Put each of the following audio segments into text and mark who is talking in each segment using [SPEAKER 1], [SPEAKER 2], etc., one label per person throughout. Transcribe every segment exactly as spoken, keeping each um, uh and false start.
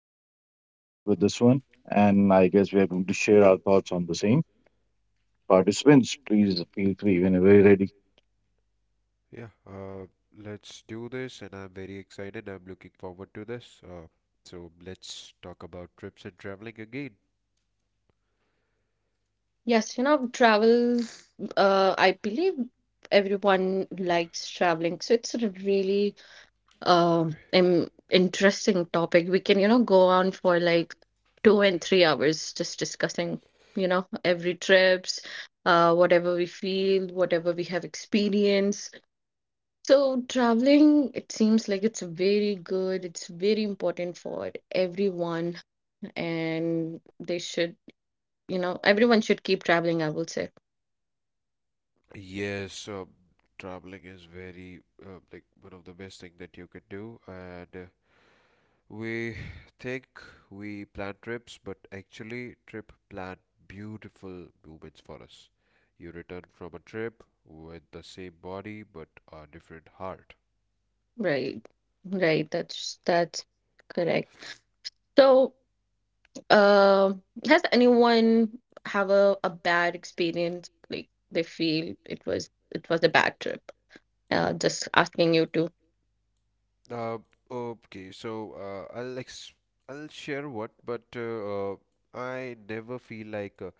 [SPEAKER 1] one, so we'll start with this one. And I guess we are going to share our thoughts on the same. Participants, please feel free whenever you're ready.
[SPEAKER 2] Yeah, uh, let's do this, and I'm very excited. I'm looking forward to this. Uh, so let's talk about trips and traveling again.
[SPEAKER 3] Yes, you know, travel, uh, I believe everyone likes traveling. So it's a really um im- interesting topic. We can, you know, go on for like two and three hours just discussing, you know, every trips, uh, whatever we feel, whatever we have experienced. So traveling, it seems like it's very good. It's very important for everyone, and they should, you know, everyone should keep traveling, I will say.
[SPEAKER 2] Yes, uh, Traveling is very uh, like one of the best thing that you can do, and uh, we think we plan trips, but actually, trip plan beautiful moments for us. You return from a trip with the same body but a different heart.
[SPEAKER 3] Right, right. That's that's correct. So, um, has anyone have a, a bad experience? Like they feel it was it was a bad trip. Uh, just asking you to.
[SPEAKER 2] Uh, okay, so uh, I'll ex I'll share what, but uh, uh, I never feel like uh,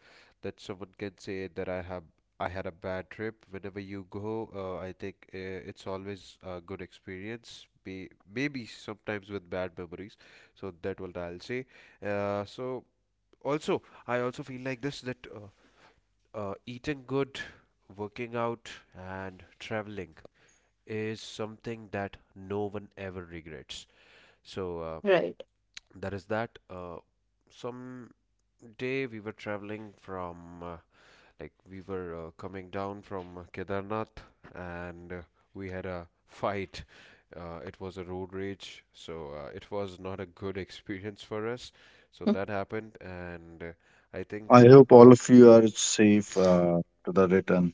[SPEAKER 2] that someone can say that I have I had a bad trip. Whenever you go, uh, I think uh, it's always a good experience. Be Maybe sometimes with bad memories, so that what I'll say. Uh, so also I also feel like this that uh, uh, eating good, working out, and traveling is something that no one ever regrets so uh,
[SPEAKER 3] Right.
[SPEAKER 2] that is that. Uh, some day we were traveling from uh, like we were uh, coming down from Kedarnath and uh, we had a fight. Uh, it was a road rage, so uh, it was not a good experience for us. So that happened, and uh, I think
[SPEAKER 1] I hope all of you are safe uh, to the return.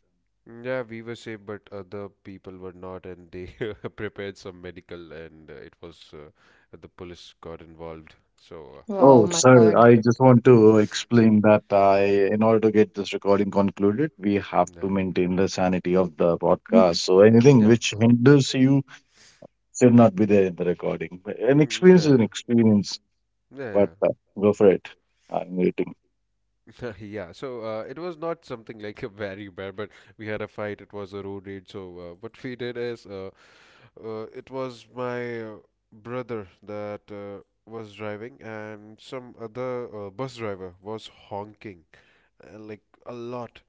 [SPEAKER 2] Mm. Yeah, we were safe, but other people were not, and they prepared some medical, and uh, it was uh, the police got involved. So, uh,
[SPEAKER 3] Wow,
[SPEAKER 1] Oh,
[SPEAKER 3] my
[SPEAKER 1] sir,
[SPEAKER 3] God.
[SPEAKER 1] I just want to explain that I, in order to get this recording concluded, we have
[SPEAKER 2] yeah,
[SPEAKER 1] to maintain the sanity of the podcast. So anything
[SPEAKER 2] yeah.
[SPEAKER 1] which hinders you should not be there in the recording. An
[SPEAKER 2] Mm,
[SPEAKER 1] experience
[SPEAKER 2] yeah,
[SPEAKER 1] is an
[SPEAKER 2] yeah,
[SPEAKER 1] experience.
[SPEAKER 2] yeah, yeah.
[SPEAKER 1] But uh, go for it. I'm waiting.
[SPEAKER 2] Yeah. So uh, it was not something like a very bad, but we had a fight. It was a road rage. So uh, what we did is, uh, Uh, it was my uh, brother that uh, was driving, and some other uh, bus driver was honking uh, like a lot.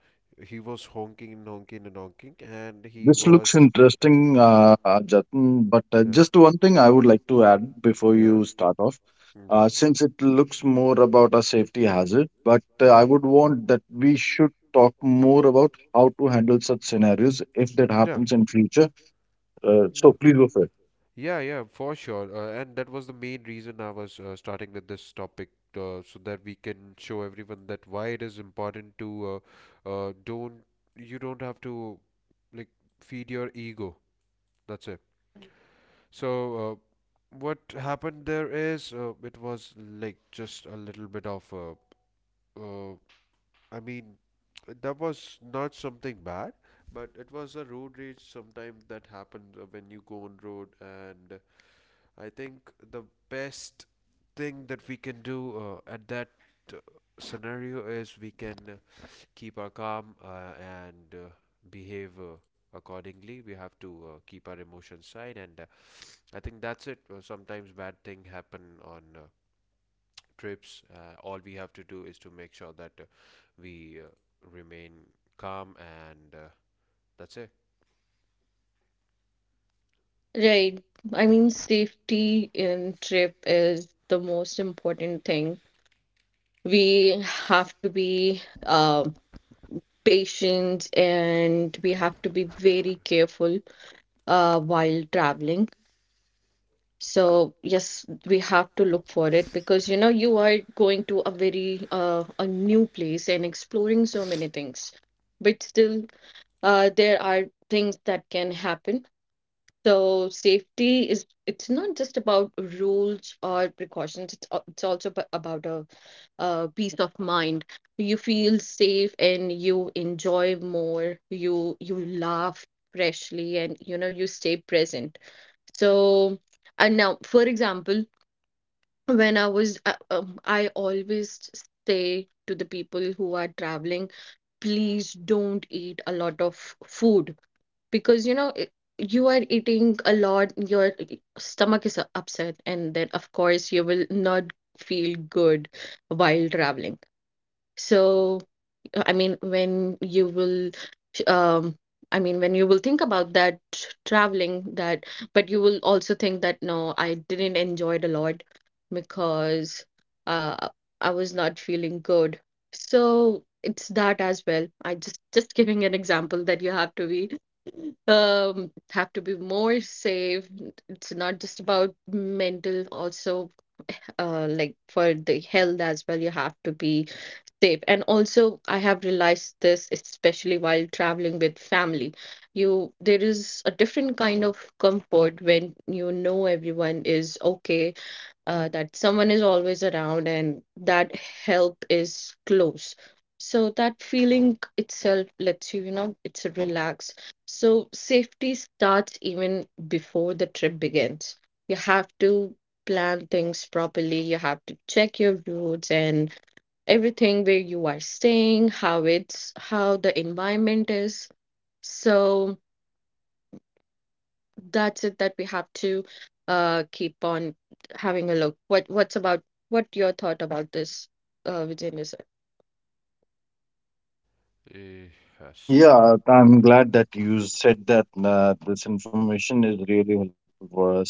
[SPEAKER 2] He was honking and honking and honking, and he
[SPEAKER 1] This looks
[SPEAKER 2] was.
[SPEAKER 1] interesting, uh, uh, Jatin. But uh,
[SPEAKER 2] Yeah.
[SPEAKER 1] just one thing I would like to add before
[SPEAKER 2] Yeah.
[SPEAKER 1] you start off.
[SPEAKER 2] Yeah.
[SPEAKER 1] Uh, since it looks more about a safety hazard, but uh, I would want that we should talk more about how to handle such scenarios if that
[SPEAKER 2] Yeah. Yeah.
[SPEAKER 1] happens in future. Uh,
[SPEAKER 2] Yeah.
[SPEAKER 1] so please go for it.
[SPEAKER 2] Yeah, yeah, for sure. Uh, and that was the main reason I was uh, starting with this topic, uh, so that we can show everyone that why it is important to uh, uh, don't you don't have to like feed your ego. That's it. So uh, what happened there is uh, it was like just a little bit of uh, uh, I mean that was not something bad, but it was a road rage sometime that happens uh, when you go on road, and I think the best thing that we can do uh, at that uh, scenario is we can uh, keep our calm uh, and uh, behave uh, accordingly. We have to uh, keep our emotions side, and uh, I think that's it. Uh, sometimes bad things happen on uh, trips. Uh, all we have to do is to make sure that uh, we uh, remain calm, and uh, that's it.
[SPEAKER 3] Right. I mean, safety in trip is the most important thing. We have to be uh, patient, and we have to be very careful uh, while traveling. So, yes, we have to look for it because, you know, you are going to a very uh, a new place and exploring so many things, but still uh, there are things that can happen. So safety is, it's not just about rules or precautions. It's al- it's also ab- about a, uh, peace of mind. You feel safe and you enjoy more. You you laugh freshly, and you know you stay present. So, and now, for example, when I was, uh, um, I always say to the people who are traveling, please don't eat a lot of food, because you know, i- you are eating a lot, your stomach is upset, and then, of course, you will not feel good while traveling. So, I mean, when you will, um, I mean, when you will think about that traveling, that, but you will also think that no, I didn't enjoy it a lot because, uh, I was not feeling good. So it's that as well. I just just giving an example that you have to be, um have to be more safe. It's not just about mental, also uh like for the health as well. You have to be safe. And also, I have realized this, especially while traveling with family, you, there is a different kind of comfort when you know everyone is okay, uh, that someone is always around and that help is close. So that feeling itself lets you, you know, it's a relax. So safety starts even before the trip begins. You have to plan things properly, you have to check your routes, and everything, where you are staying, how it's how the environment is. So that's it, that we have to uh keep on having a look. What what's about what your thought about this, uh Vijay?
[SPEAKER 2] Eh, yes.
[SPEAKER 1] Yeah, I'm glad that you said that uh, this information is really helpful for us.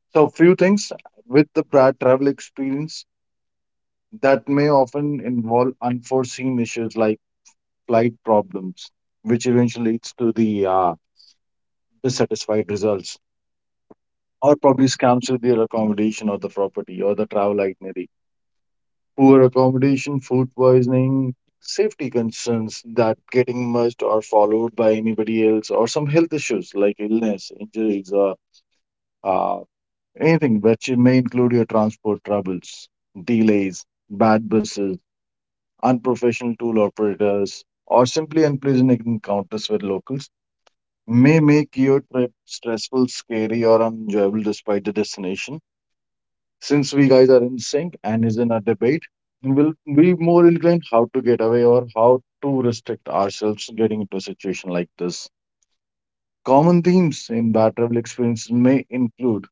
[SPEAKER 1] So, few things with the prior travel experience that may often involve unforeseen issues like flight problems, which eventually leads to the uh, dissatisfied results, or probably scams with their accommodation or the property or the travel itinerary, poor accommodation, food poisoning, safety concerns that getting missed or followed by anybody else, or some health issues like illness, injuries, or uh, anything which may include your transport troubles, delays, bad buses, unprofessional tool operators, or simply unpleasant encounters with locals may make your trip stressful, scary, or unenjoyable despite the destination. Since we guys are in sync and is in a debate, we'll be more inclined how to get away or how to restrict ourselves getting into a situation like this. Common themes in bad travel experiences may include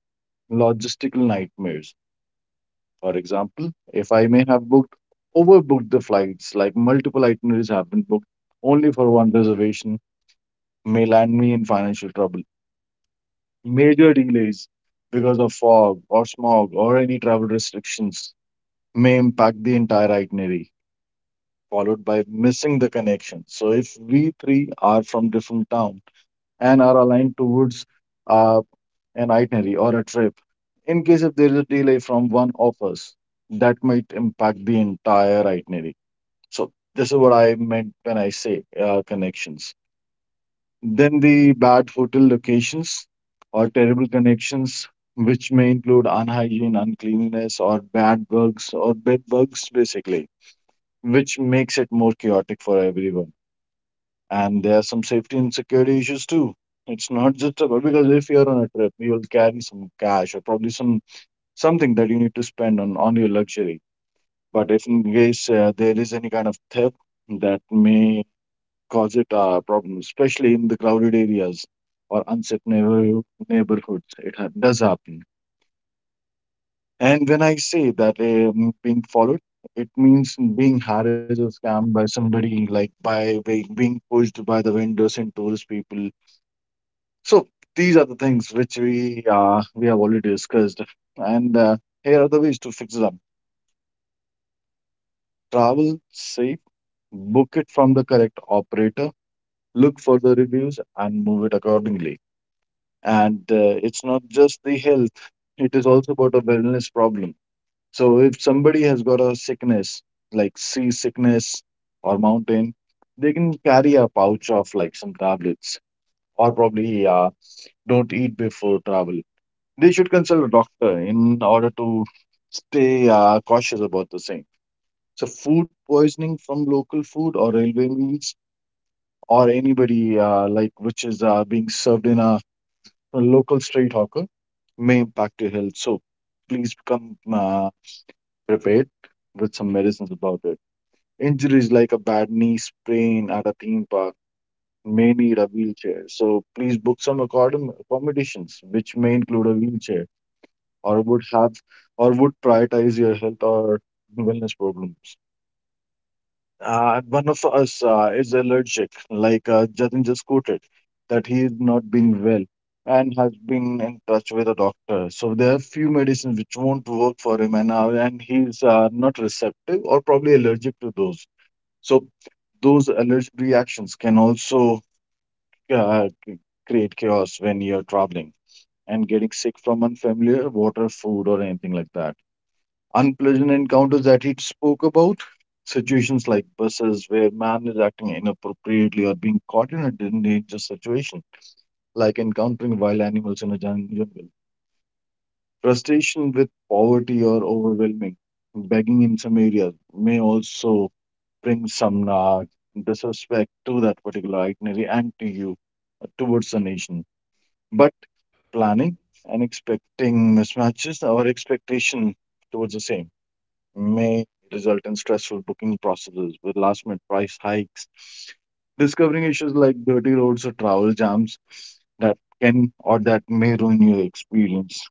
[SPEAKER 1] logistical nightmares. For example, if I may have booked, overbooked the flights, like multiple itineraries have been booked only for one reservation, may land me in financial trouble. Major delays because of fog or smog or any travel restrictions may impact the entire itinerary, followed by missing the connection. So if we three are from different town and are aligned towards uh, an itinerary or a trip, in case if there is a delay from one of us, that might impact the entire itinerary. So this is what I meant when I say uh, connections. Then the bad hotel locations or terrible connections, which may include unhygiene, uncleanliness, or bad bugs or bed bugs, basically, which makes it more chaotic for everyone. And there are some safety and security issues too. It's not just about, because if you're on a trip, you will carry some cash or probably some something that you need to spend on on your luxury. But if in case uh, there is any kind of theft that may cause it uh, problems, especially in the crowded areas or unsafe neighbor- neighborhoods. It ha- does happen. And when I say that um, being followed, it means being harassed or scammed by somebody, like by by being pushed by the vendors and tourist people. So these are the things which we uh, we have already discussed. And uh, here are the ways to fix it up. Travel safe, book it from the correct operator, look for the reviews, and move it accordingly. and uh, it's not just the health, it is also about a wellness problem. So if somebody has got a sickness like sea sickness or mountain, they can carry a pouch of like some tablets, or probably uh, don't eat before travel. They should consult a doctor in order to stay uh, cautious about the same. So food poisoning from local food or railway meals, or anybody uh, like which is uh, being served in a, a local street hawker, may impact your health. So please come uh, prepared with some medicines about it. Injuries like a bad knee sprain at a theme park may need a wheelchair. So please book some accordam- accommodations which may include a wheelchair, or would have, or would prioritize your health or wellness problems. Uh, one of us uh, is allergic, like uh, Jatin just quoted, that he is not being well and has been in touch with a doctor. So there are few medicines which won't work for him, and uh, and he's uh, not receptive or probably allergic to those. So those allergic reactions can also uh, c- create chaos when you're traveling and getting sick from unfamiliar water, food, or anything like that. Unpleasant encounters that he spoke about, situations like buses where man is acting inappropriately or being caught in a dangerous situation, like encountering wild animals in a jun- jungle. Frustration with poverty or overwhelming begging in some areas may also bring some nag, disrespect to that particular itinerary and to you uh, towards the nation. But planning and expecting mismatches our expectation towards the same may result in stressful booking processes with last minute price hikes, discovering issues like dirty roads or travel jams that can, or that may ruin your experience.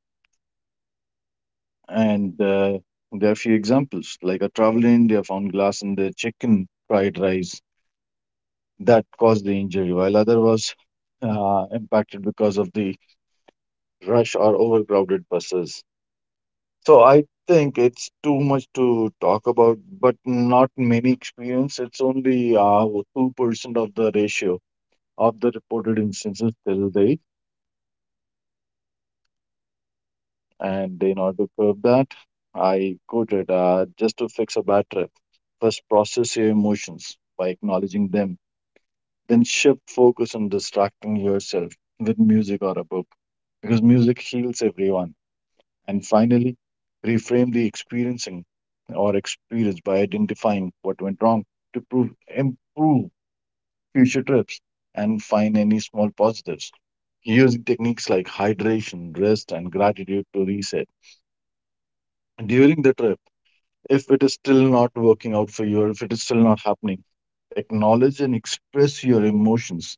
[SPEAKER 1] And uh, there are a few examples, like a traveler in India found glass in their chicken fried rice that caused the injury, while other was uh, impacted because of the rush or overcrowded buses. So I think it's too much to talk about, but not many experience. It's only uh, two percent of the ratio of the reported instances till date. And in order to curb that, I quoted uh, just to fix a bad trip, first process your emotions by acknowledging them, then shift focus on distracting yourself with music or a book, because music heals everyone. And finally, reframe the experiencing or experience by identifying what went wrong to prove, improve future trips, and find any small positives, using techniques like hydration, rest, and gratitude to reset. During the trip, if it is still not working out for you, or if it is still not happening, acknowledge and express your emotions.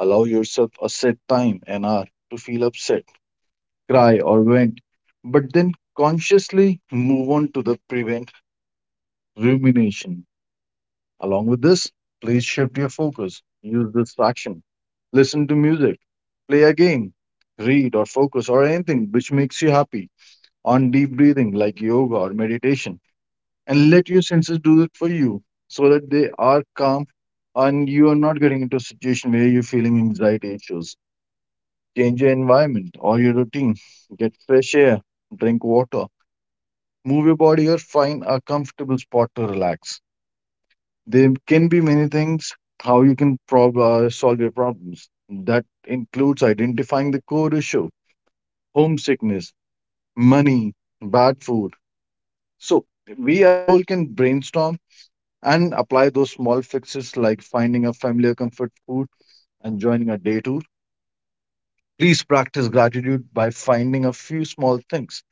[SPEAKER 1] Allow yourself a set time and hour to feel upset, cry, or vent, but then consciously move on to the prevention rumination. Along with this, please shift your focus, use distraction, listen to music, play a game, read or focus or anything which makes you happy, on deep breathing like yoga or meditation, and let your senses do it for you so that they are calm and you are not getting into a situation where you're feeling anxiety issues. Change your environment or your routine, get fresh air, drink water, move your body, or find a comfortable spot to relax. There can be many things how you can prob- uh, solve your problems. That includes identifying the core issue, homesickness, money, bad food. So, we as a whole can brainstorm and apply those small fixes like finding a familiar comfort food and joining a day tour. Please practice gratitude by finding a few small things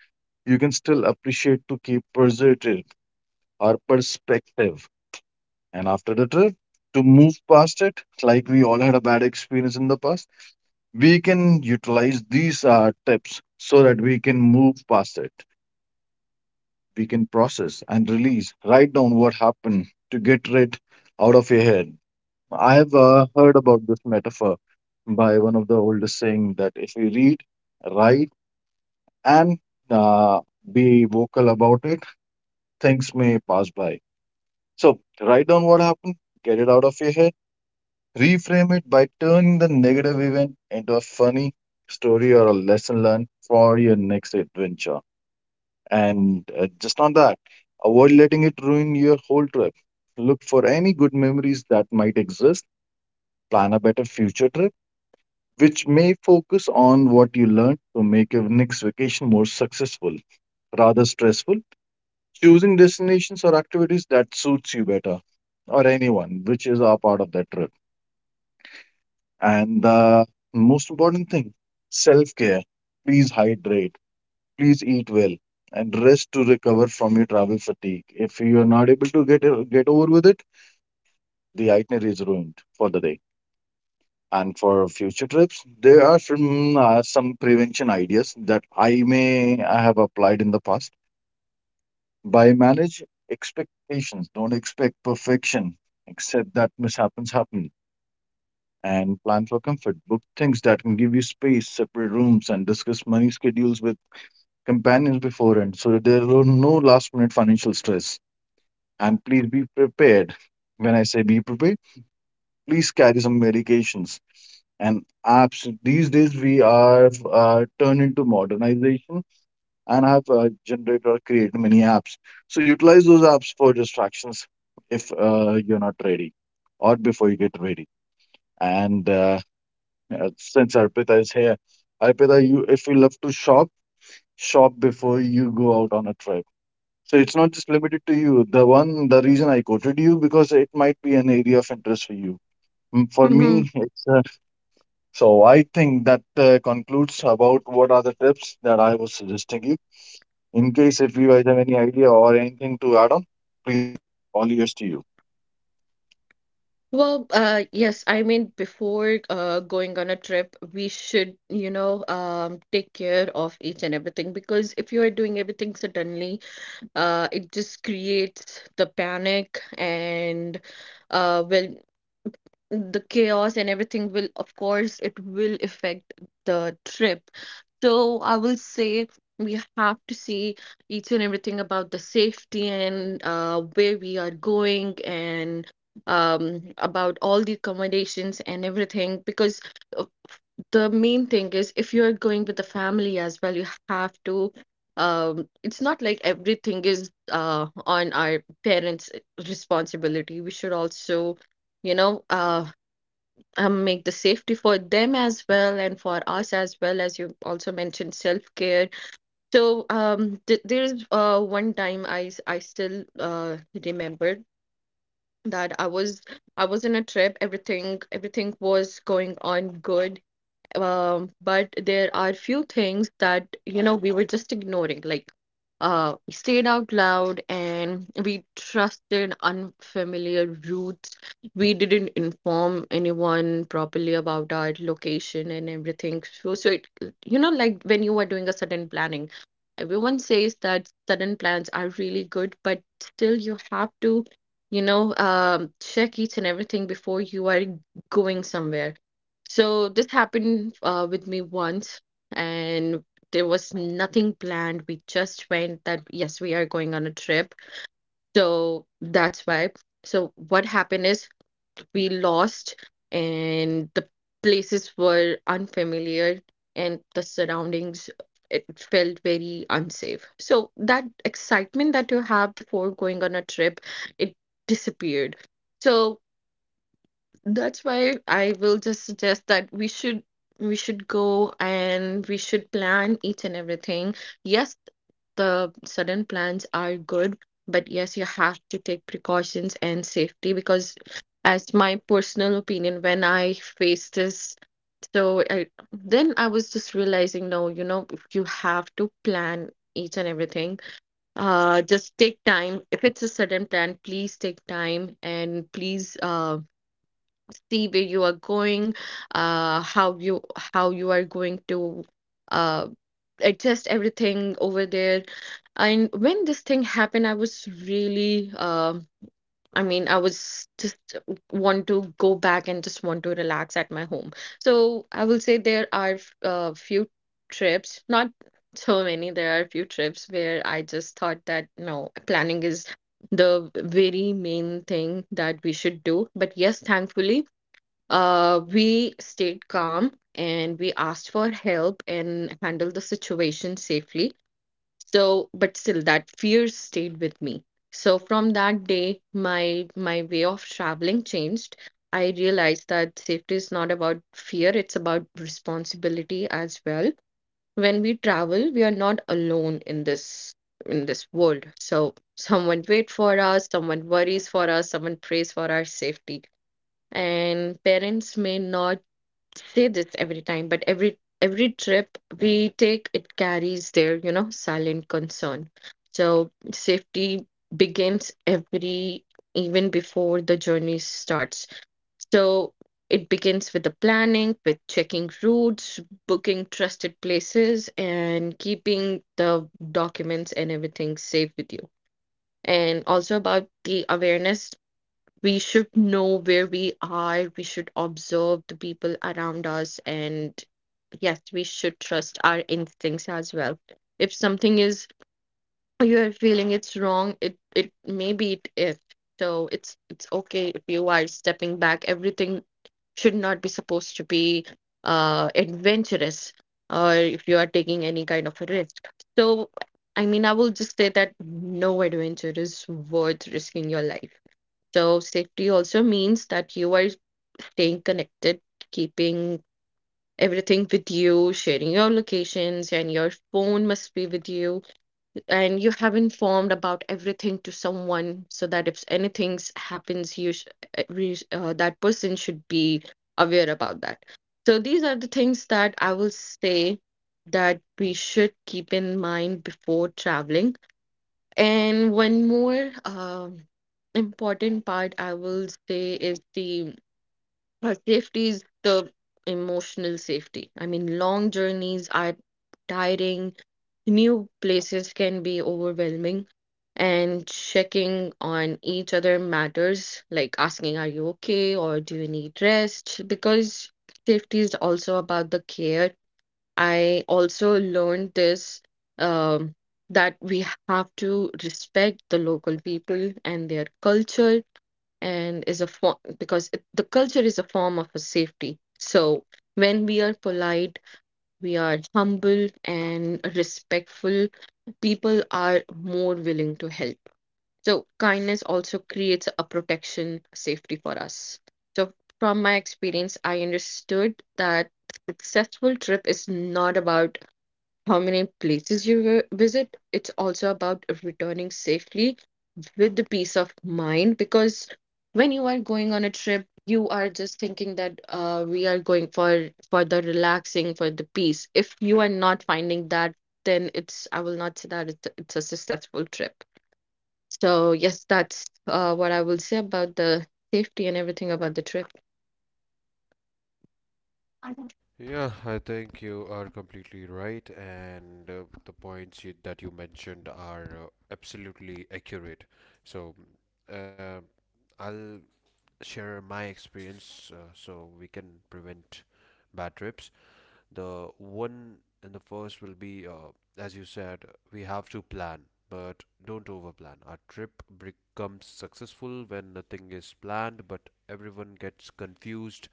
[SPEAKER 1] you can still appreciate to keep preservative or perspective. And after the trip, to move past it, like we all had a bad experience in the past, we can utilize these uh, tips so that we can move past it. We can process and release, write down what happened to get it out of your head. I have uh, heard about this metaphor by one of the oldest saying that if you read, write, and uh, be vocal about it, things may pass by. So write down what happened, get it out of your head. Reframe it by turning the negative event into a funny story or a lesson learned for your next adventure. And uh, just on that, avoid letting it ruin your whole trip. Look for any good memories that might exist. Plan a better future trip, which may focus on what you learned to make your next vacation more successful rather stressful. Choosing destinations or activities that suits you better, or anyone, which is a part of that trip. And the most important thing, self care. Please hydrate, please eat well, and rest to recover from your travel fatigue. If you are not able to get get over with it, the itinerary is ruined for the day. And for future trips, there are some uh, some prevention ideas that I may I have applied in the past. By manage expectations, don't expect perfection. Accept that mishaps happen, and plan for comfort. Book things that can give you space, separate rooms, and discuss money schedules with companions beforehand so that there are no last minute financial stress. And please be prepared. When I say be prepared, please carry some medications and apps. These days, we are uh, turned into modernization and have uh, generated or created many apps. So utilize those apps for distractions if uh, you're not ready or before you get ready. And uh, yeah, since Arpita is here, Arpita, you if you love to shop, shop before you go out on a trip. So it's not just limited to you. The one, the reason I quoted you, because it might be an area of interest for you. Mm, for me,
[SPEAKER 3] Mm-hmm.
[SPEAKER 1] it's uh, so I think that uh, concludes about what are the tips that I was suggesting you. In case if you guys have any idea or anything to add on, all ears to you.
[SPEAKER 3] Well, uh yes, I mean, before uh going on a trip, we should, you know, um take care of each and everything, because if you are doing everything suddenly, uh it just creates the panic and, uh well, the chaos, and everything will, of course, it will affect the trip. So I will say we have to see each and everything about the safety and, uh, where we are going and, um, about all the accommodations and everything, because uh, the main thing is, if you're going with the family as well, you have to. Um, it's not like everything is uh on our parents' responsibility. We should also, you know, uh, um, make the safety for them as well and for us as well, as you also mentioned, self-care. So um th- there's uh one time i s- I still uh remembered that i was I was in a trip, everything everything was going on good, um, but there are few things that, you know, we were just ignoring. Like, uh, we stayed out loud and we trusted unfamiliar routes. We didn't inform anyone properly about our location and everything. So, so it, you know, like when you are doing a sudden planning, everyone says that sudden plans are really good, but still you have to, you know, um, check each and everything before you are going somewhere. So this happened uh, with me once, and there was nothing planned. We just went that, yes, we are going on a trip. So that's why. So what happened is we lost, and the places were unfamiliar, and the surroundings, it felt very unsafe. So that excitement that you have before going on a trip, it disappeared. So that's why I will just suggest that we should, we should go and we should plan each and everything. Yes, the sudden plans are good, but yes, you have to take precautions and safety, because as my personal opinion, when I faced this, so I, then I was just realizing, no, you know, you have to plan each and everything. Uh, just take time. If it's a sudden plan, please take time and please, um see where you are going, uh, how you, how you are going to uh, adjust everything over there. And when this thing happened, I was really, um I mean, I was just want to go back and just want to relax at my home. So I will say there are a few trips, not so many. There are a few trips where I just thought that no, planning is the very main thing that we should do. But yes, thankfully, uh, we stayed calm and we asked for help and handled the situation safely. So, but still, that fear stayed with me. So from that day, my my way of traveling changed. I realized that safety is not about fear, it's about responsibility as well. When we travel, we are not alone in this in this world. So someone wait for us, someone worries for us, someone prays for our safety, and parents may not say this every time, but every every trip we take, it carries their, you know, silent concern. So safety begins every, even before the journey starts. So it begins with the planning, with checking routes, booking trusted places, and keeping the documents and everything safe with you. And also about the awareness, we should know where we are, we should observe the people around us, and yes, we should trust our instincts as well. If something is, you are feeling it's wrong, it it maybe it is. So it's it's okay if you are stepping back. Everything should not be supposed to be uh adventurous, or if you are taking any kind of a risk. So I mean, I will just say that no adventure is worth risking your life. So safety also means that you are staying connected, keeping everything with you, sharing your locations, and your phone must be with you. And you have informed about everything to someone, so that if anything s- happens, you sh- uh, re- uh, that person should be aware about that. So these are the things that I will say that we should keep in mind before traveling. And one more um important part I will say is the, uh, safety is the emotional safety. I mean, long journeys are tiring, new places can be overwhelming, and checking on each other matters, like asking, "Are you okay?" or "Do you need rest?" Because safety is also about the care. I also learned this, um, that we have to respect the local people and their culture, and is a form, because it, the culture is a form of a safety. So when we are polite, we are humble and respectful, people are more willing to help. So kindness also creates a protection safety for us. So from my experience, I understood that successful trip is not about how many places you vi- visit. It's also about returning safely with the peace of mind, because when you are going on a trip, you are just thinking that, uh, we are going for, for the relaxing, for the peace. If you are not finding that, then it's, I will not say that it's, it's a successful trip. So yes, that's uh, what I will say about the safety and everything about the trip.
[SPEAKER 2] Yeah, I think you are completely right, and uh, the points you, that you mentioned are uh, absolutely accurate. So, uh, I'll share my experience uh, so we can prevent bad trips. The one and the first will be, uh, as you said, we have to plan, but don't overplan. Our trip becomes successful when nothing is planned, but everyone gets confused,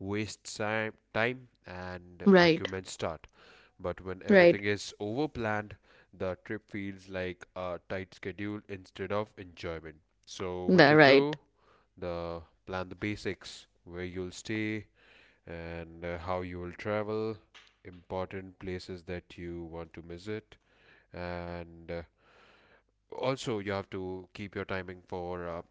[SPEAKER 2] wastes si- time, and
[SPEAKER 3] Right,
[SPEAKER 2] arguments start. But when
[SPEAKER 3] right,
[SPEAKER 2] everything is over planned, the trip feels like a tight schedule instead of enjoyment. So, what
[SPEAKER 3] the
[SPEAKER 2] to
[SPEAKER 3] right,
[SPEAKER 2] do? The plan the basics where you'll stay and uh, how you will travel, important places that you want to visit, and uh, also you have to keep your timing for uh,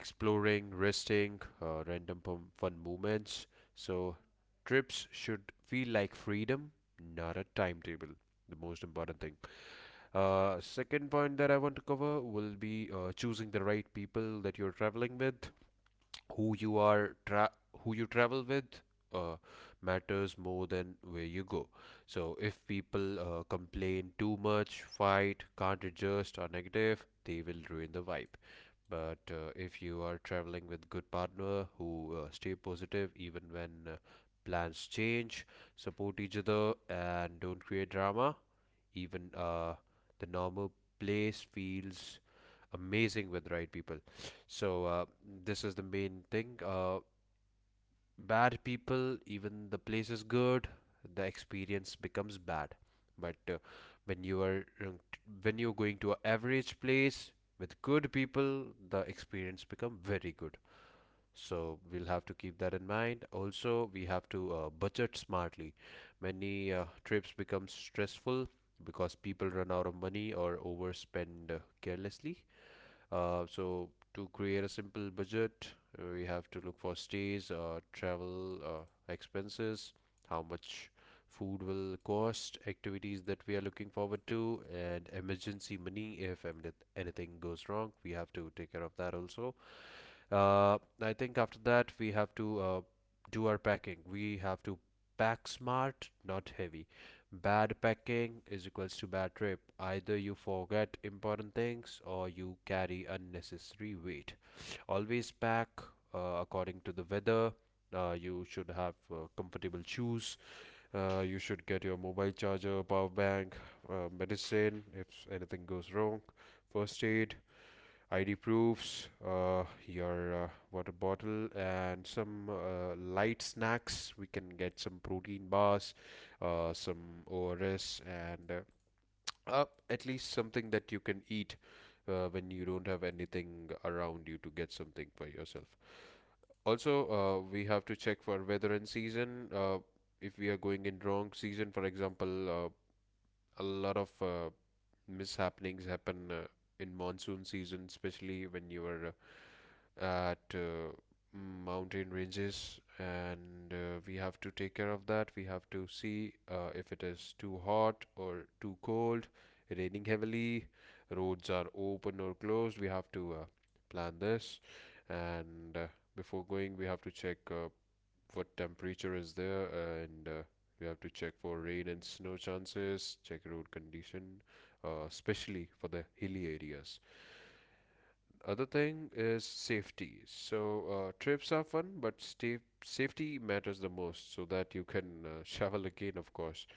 [SPEAKER 2] exploring, resting, uh, random fun moments. So, trips should feel like freedom, not a timetable. The most important thing. Uh, second point that I want to cover will be uh, choosing the right people that you're traveling with. Who you are, tra- who you travel with, uh, matters more than where you go. So, if people uh, complain too much, fight, can't adjust, are negative, they will ruin the vibe, but uh, if you are traveling with good partner who uh, stay positive even when uh, plans change, support each other, and don't create drama, even uh, the normal place feels amazing with right people. So uh, this is the main thing. Uh, bad people, even the place is good, the experience becomes bad. But uh, when you are uh, when you're going to an average place with good people, the experience become very good. So we'll have to keep that in mind. Also, we have to uh, budget smartly. Many uh, trips become stressful because people run out of money or overspend uh, carelessly. Uh, so to create a simple budget, uh, we have to look for stays, uh, travel uh, expenses, how much food will cost, activities that we are looking forward to, and emergency money if em- anything goes wrong. We have to take care of that also. Uh, I think after that we have to uh, do our packing. We have to pack smart, not heavy. Bad packing is equals to bad trip. Either you forget important things or you carry unnecessary weight. Always pack uh, according to the weather. Uh, you should have uh, comfortable shoes. Uh, you should get your mobile charger, power bank, uh, medicine if anything goes wrong, first aid, I D proofs, uh, your uh, water bottle, and some uh, light snacks. We can get some protein bars, uh, some O R S, and uh, uh, at least something that you can eat uh, when you don't have anything around you to get something for yourself. Also, uh, we have to check for weather and season. Uh, if we are going in wrong season, for example, uh, a lot of uh, mishappenings happen uh, in monsoon season, especially when you are uh, at uh, mountain ranges, and uh, we have to take care of that. We have to see uh, if it is too hot or too cold, raining heavily, roads are open or closed. We have to uh, plan this, and uh, before going we have to check uh, what temperature is there, and uh, we have to check for rain and snow chances, check road condition, uh, especially for the hilly areas. Other thing is safety. So uh, trips are fun, but stay safety matters the most, so that you can uh, shovel again, of course.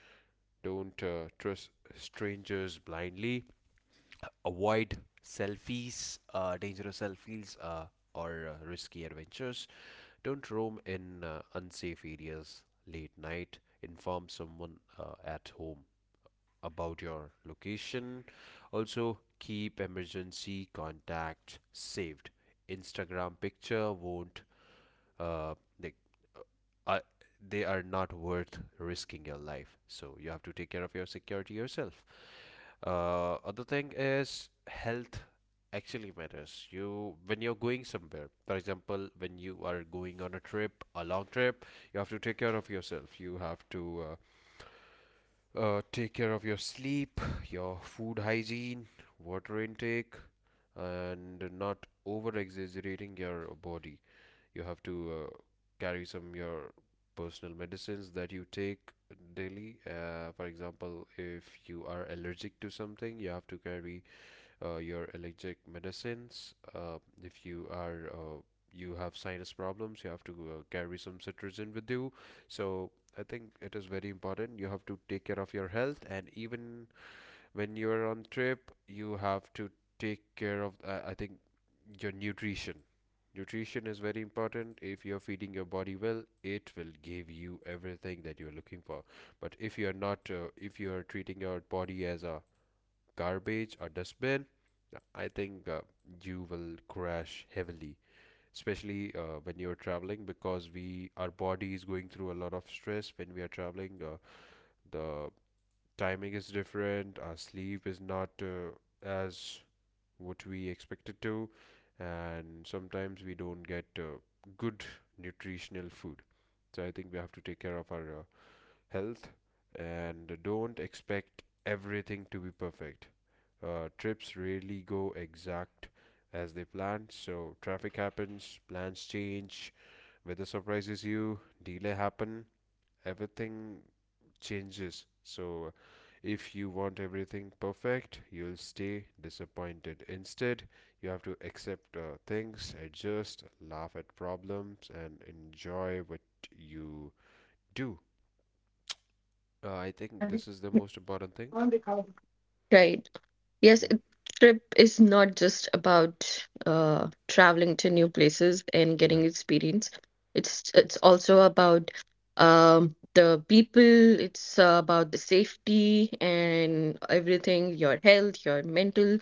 [SPEAKER 2] Don't uh, trust strangers blindly. Avoid selfies, uh, dangerous selfies, uh, or uh, risky adventures. Don't roam in uh, unsafe areas late night. Inform someone uh, at home about your location. Also, keep emergency contacts saved. Instagram picture won't uh, they, uh, they are not worth risking your life. So you have to take care of your security yourself. Uh, other thing is health actually matters you when you're going somewhere. For example, when you are going on a trip, a long trip, you have to take care of yourself. You have to uh, uh, take care of your sleep, your food hygiene, water intake, and not over exaggerating your body. You have to uh, carry some your personal medicines that you take daily. Uh, for example, if you are allergic to something, you have to carry uh, your allergic medicines. Uh, if you are uh, you have sinus problems, you have to uh, carry some cetirizine with you. So I think it is very important. You have to take care of your health, and even when you are on trip, you have to take care of. Uh, I think your nutrition. Nutrition is very important. If you're feeding your body well, it will give you everything that you're looking for. But if you're not, uh, if you're treating your body as a garbage or dustbin, I think uh, you will crash heavily, especially uh, when you're traveling, because we our body is going through a lot of stress when we are traveling. Uh, the timing is different, our sleep is not uh, as what we expected to, and sometimes we don't get uh, good nutritional food. So I think we have to take care of our uh, health, and don't expect everything to be perfect. Uh, trips rarely go exact as they planned, so traffic happens, plans change, weather surprises you, delay happen, everything changes. So if you want everything perfect, you'll stay disappointed. Instead, you have to accept uh, things, adjust, laugh at problems, and enjoy what you do. Uh, I think this is the most important thing.
[SPEAKER 3] right. Yes, a
[SPEAKER 2] Mm.
[SPEAKER 3] trip is not just about uh, traveling to new places and
[SPEAKER 2] Yeah.
[SPEAKER 3] getting experience. It's it's also about, um, the people. It's uh, about the safety and everything, your health, your mental.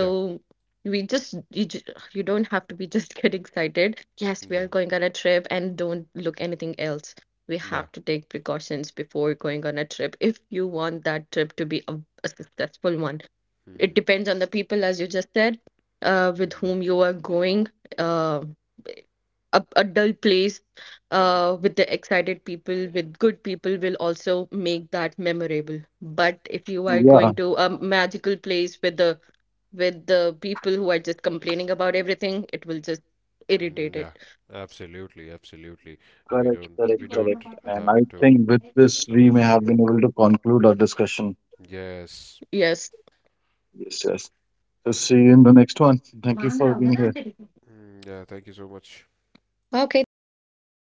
[SPEAKER 2] Yeah.
[SPEAKER 3] we just, you, ju- you don't have to be just get excited. Yes, we are
[SPEAKER 2] Yeah.
[SPEAKER 3] going on a trip and don't look anything else. We
[SPEAKER 2] Yeah.
[SPEAKER 3] have to take precautions before going on a trip if you want that trip to be a, a successful one. It
[SPEAKER 2] Mhm.
[SPEAKER 3] depends on the people, as you just said, uh, with
[SPEAKER 2] Mm, yeah.
[SPEAKER 3] whom you are going. Uh, a, a dull place uh, with the excited people, with good people, will also make that memorable. But if you are
[SPEAKER 1] Yeah,
[SPEAKER 3] going to a magical place with the, with the people who are just complaining about everything, it will just
[SPEAKER 2] Mm,
[SPEAKER 3] irritate it.
[SPEAKER 2] yeah. Absolutely. Absolutely. Uh, we
[SPEAKER 1] correct,
[SPEAKER 2] don't.
[SPEAKER 1] correct,
[SPEAKER 2] We
[SPEAKER 1] correct.
[SPEAKER 2] don't
[SPEAKER 1] And
[SPEAKER 2] have
[SPEAKER 1] I
[SPEAKER 2] to
[SPEAKER 1] think with
[SPEAKER 2] get
[SPEAKER 1] this we may
[SPEAKER 2] someone.
[SPEAKER 1] have been able to conclude our discussion.
[SPEAKER 2] Yes.
[SPEAKER 3] Yes.
[SPEAKER 1] Yes, yes. So see you in the next one. Thank you for being here.
[SPEAKER 2] Mm, yeah, thank you so much.
[SPEAKER 3] Okay. Thank you. Bye.